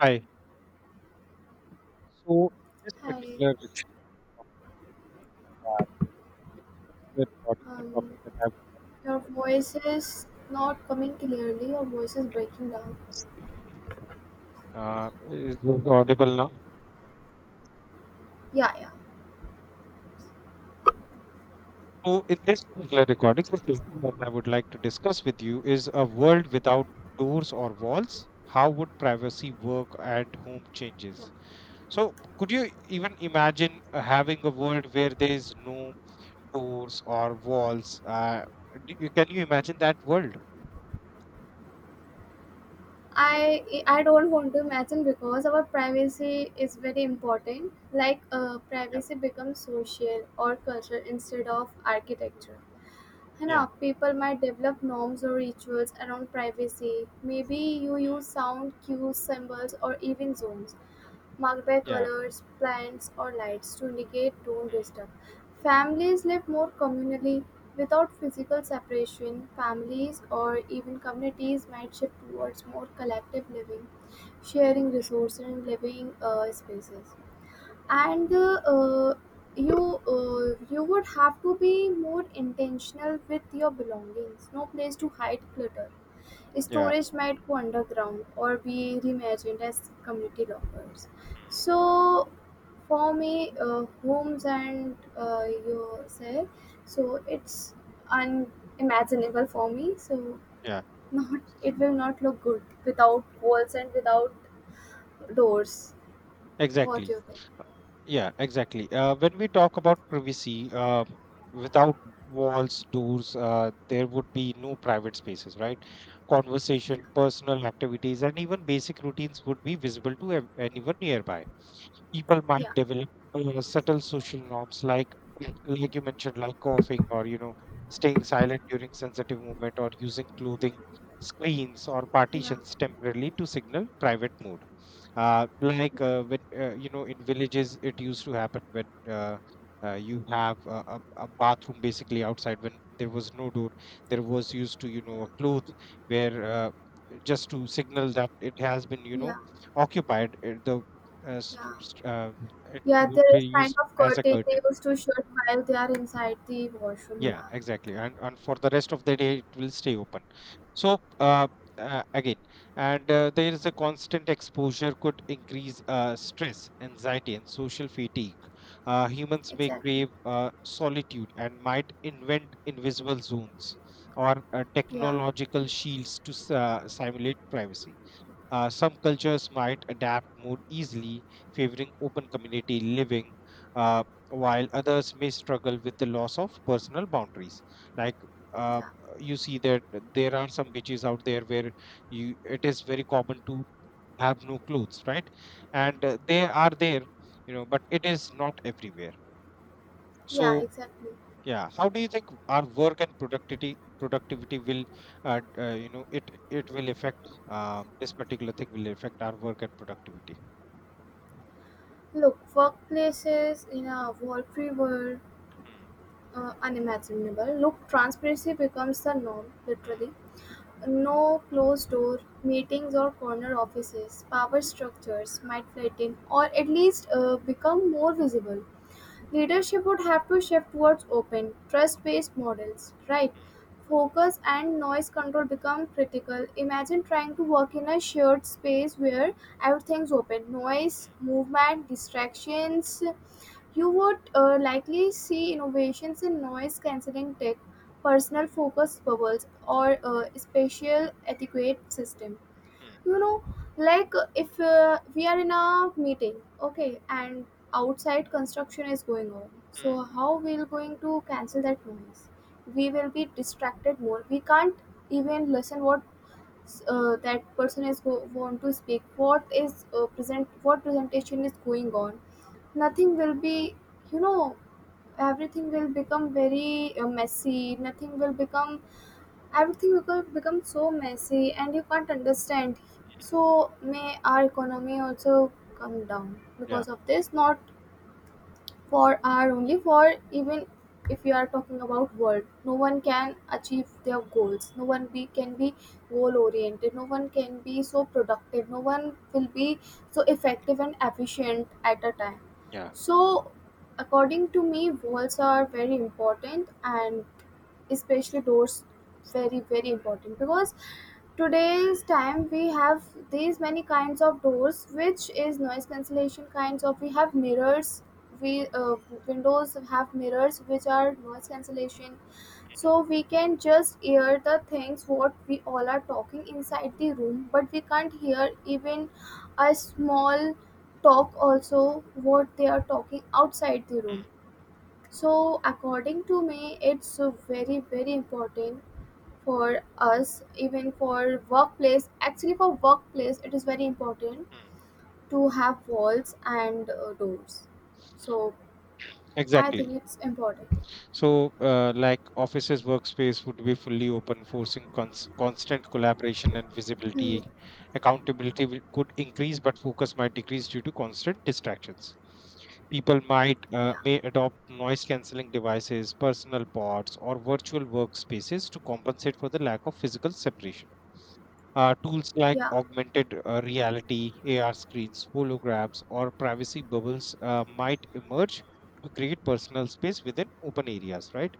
Hi. So in this Hi, particular recording, uh, the topic um, that I would like your to voice is not coming clearly. Your voice is breaking down. discuss with you, is this audible now? Yeah, yeah. So in this particular recording, the topic that I would like to discuss with you is a world without doors or walls. How would privacy work and home changes? So could you even imagine having a world where there is no doors or walls? Can you imagine that world? I don't want to imagine because our privacy is very important. Like, Yeah, privacy becomes social or cultural instead of architecture. है ना, yeah. people might develop norms or rituals around privacy. Maybe you Mm. use sound cues, symbols, or even zones marked by Yeah. colors, plants, or lights to indicate don't disturb. Families lived more communally without physical separation. Families or even communities might shift towards more collective living, sharing Mm, mm, resources and living spaces. mm. And You you would have to be more intentional with your belongings. No place to Mm. hide clutter. Yeah. Storage might go underground or be reimagined as community lockers. Mm. So, for me, homes and you say, so it's unimaginable for me. So, Yeah, not it will not look good without walls and without doors. What do exactly. you think? Yeah, exactly. When we talk about privacy, without walls, doors, there would be no private spaces, right? Yeah, Conversation, personal activities, and even basic routines would be visible to anyone nearby. People might yeah, develop subtle social norms like you mentioned, like coughing, or you know, staying silent during sensitive movement, or using clothing screens or yeah, partitions temporarily to signal private mode. Yeah, When, you know, in villages it used to happen when, you have a bathroom basically outside. When there was no door, there was used to, you yeah, know, a yeah. cloth where, just to signal that it has been, you know, Yeah. occupied. Uh, s- s- uh, it Yeah, would there be is kind used of as a curtain they curtain. used to shut while they are inside the washroom. Yeah, Yeah, exactly. And for the rest of the day, it will stay open. So again, and There is a constant exposure, could increase stress, anxiety, and social fatigue. Humans may exactly. crave solitude and might invent invisible zones or Yeah, technological shields to simulate privacy. Some cultures might adapt more easily, favoring open community living, uh, while others may struggle with the loss of personal boundaries. Like uh, yeah. you see that there are some beaches out there where you, it is very common to have no clothes, right? And They are there, you know, but it is not everywhere. Yeah, So exactly. yeah. How do you think our work and productivity will, you know, it will affect, this particular thing will affect our work and productivity? Look, workplaces in a world free world, Mm, unimaginable. Look, transparency becomes the norm, mm, literally. No closed door meetings or corner offices. Power structures might flatten or at least become more visible. Leadership would have to shift towards open, trust-based models, right? mm, Focus and noise control become critical. Imagine trying to work in a shared space where everything's open. Noise, mm, movement, distractions. You would likely see innovations in noise cancelling tech, personal focus bubbles, or spatial etiquette systems, mm, you know, like if we are in a meeting, okay, and outside construction is going on, mm. so how we're going to cancel that noise. We will be distracted more, we can't even listen what that person is want to speak, what is present what presentation is going on. Nothing will be, you know, everything will become very messy. Nothing will become Everything will become so messy and you can't understand. So may our economy also come down Yeah, because of this, not for our only, for even if you are talking about world, no one can achieve their goals, no one be can be goal oriented, no one can be so productive, no one will be so effective and efficient at a time. yeah. So according to me, walls are very important, and especially doors, very very important because today's time we have these many kinds of doors which is noise cancellation kinds of. We have mirrors, we windows have mirrors which are noise cancellation, so we can just hear the things what we all are talking inside the room, but we can't hear even a small talk also what they are talking outside the room. Mm, So, according to me, it's very, very important for us, even for workplace. Actually, for workplace, it is very important mm. to have walls and doors. So, I think Exactly. it's important. So, like offices workspace would be fully open, forcing constant collaboration and Hmm. visibility. Accountability will, could increase, but focus might decrease due to constant distractions. People might, Yeah, may adopt noise cancelling devices, personal pods, or virtual workspaces to compensate for the lack of physical separation. Tools like yeah, augmented reality, AR screens, holograms, or privacy bubbles might emerge to create personal space within open areas, right?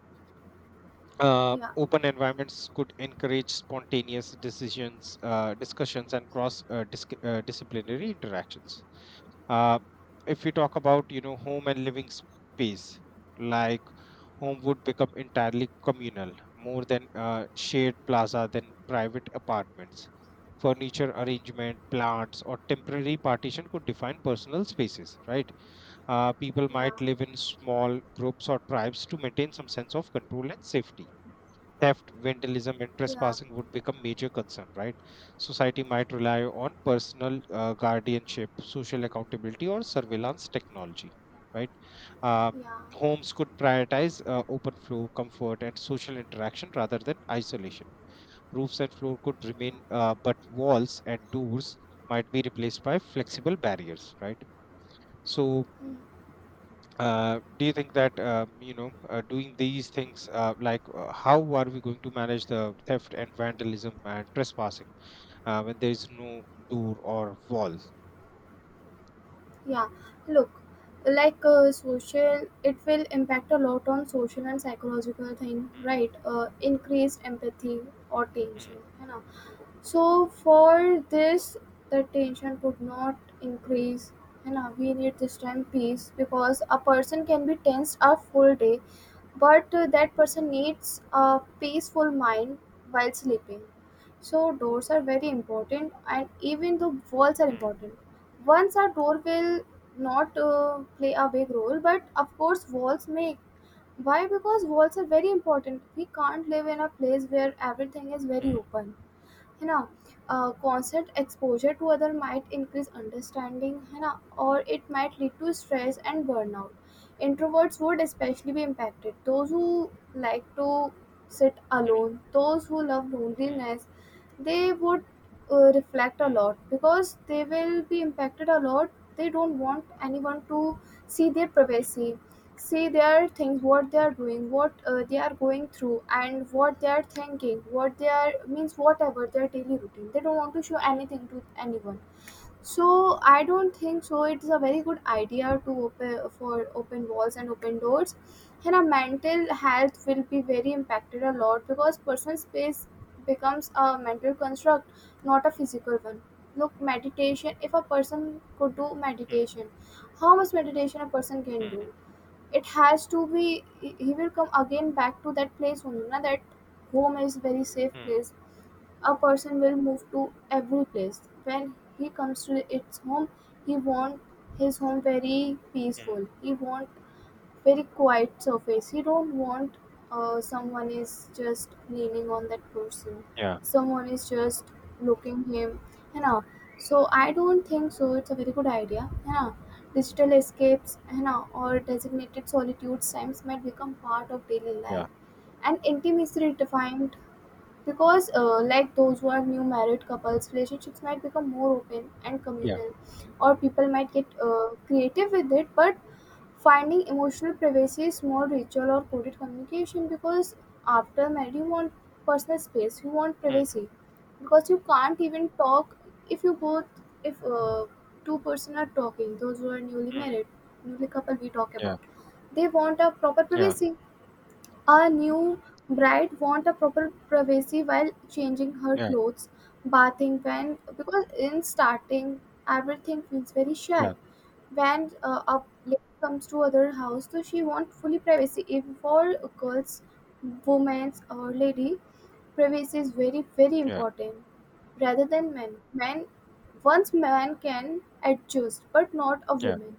yeah, open environments could encourage spontaneous decisions, discussions, and cross disciplinary interactions. Uh, if we talk about, you know, home and living space, like home would become entirely communal, more than shared plaza than private apartments. Furniture arrangement, plants, or temporary partition could define personal spaces, right? People yeah, might live in small groups or tribes to maintain some sense of control and safety. Theft, vandalism, and yeah, trespassing would become major concern, right? Society might rely on yeah, personal guardianship, social accountability, or surveillance technology, right? Uh, yeah, Homes could prioritize open flow, comfort, and social interaction rather than isolation. Roofs and floor could remain, yeah. But walls and doors might be replaced by flexible barriers, right? So, Hmm. Do you think that, you know, doing these things, how are we going to manage the theft and vandalism and trespassing when there is no door or wall? Yeah. Look, like social, it will impact a lot on social and psychological thing, right? Increased empathy or Hmm, tension, you know. So for this, the tension could not increase, and we need this time peace because a person can be tensed a full day, but that person needs a peaceful mind while sleeping. So doors are very important, and even the walls are hmm, important. Once a door will not play a big role, but of course walls make. Why? Because walls are very important. We can't live in a place where everything is very hmm, open. है ना constant exposure to other might increase understanding. है ना or it might lead to stress and burnout. Introverts would especially be impacted, those who like to sit alone, those who love hmm, loneliness. They would reflect a hmm, lot because they will be impacted a lot. They don't want anyone to see their privacy. See their things, what they are doing, what they are going through, and what they are thinking, what they are means whatever their daily routine. They don't want to show hmm, anything to anyone. So I don't think so. It's a very good idea to open for open walls and open doors, and our mental health will be very impacted a lot because personal space becomes a mental construct, not a physical one. Look, meditation. If a person could do hmm, meditation, how much meditation a person can hmm, do? hmm, It has to be he will come again back to that place only na that home is very safe hmm, place. A person will move to every place. When he comes to its home, he want his home very hmm. peaceful, he want very quiet surface. You don't want someone is just leaning on that person. Yeah, Someone is just looking him. You know. So I don't think so. It's a very good idea. You know. Digital escapes, you know, or designated solitude times might become part of daily life. yeah, And intimacy redefined because like those who are new married couples, relationships might become more open and yeah. communal, or people might get creative with it. But finding emotional privacy is more ritual or coded communication because after marriage you want personal space, you want Hmm, privacy, because you can't even talk if you both, if two-person are talking, those who are newly hmm. married, newly couple we talk Yeah, about. They want a proper yeah, privacy. A new bride want a proper privacy while changing her yeah, clothes, bathing, when because in starting everything feels very shy yeah, when up late comes to other house, so she want fully privacy. If for girls, women, or lady, privacy is very very yeah, important, rather than men. Men, once man can adjust, but not a yeah, woman.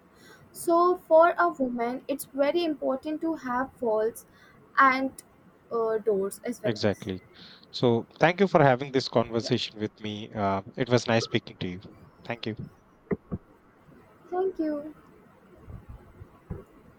So for a woman, it's very important to have walls and doors as well as exactly. So thank you for having this yeah. conversation with me. It was nice speaking to you. Thank you. Thank you.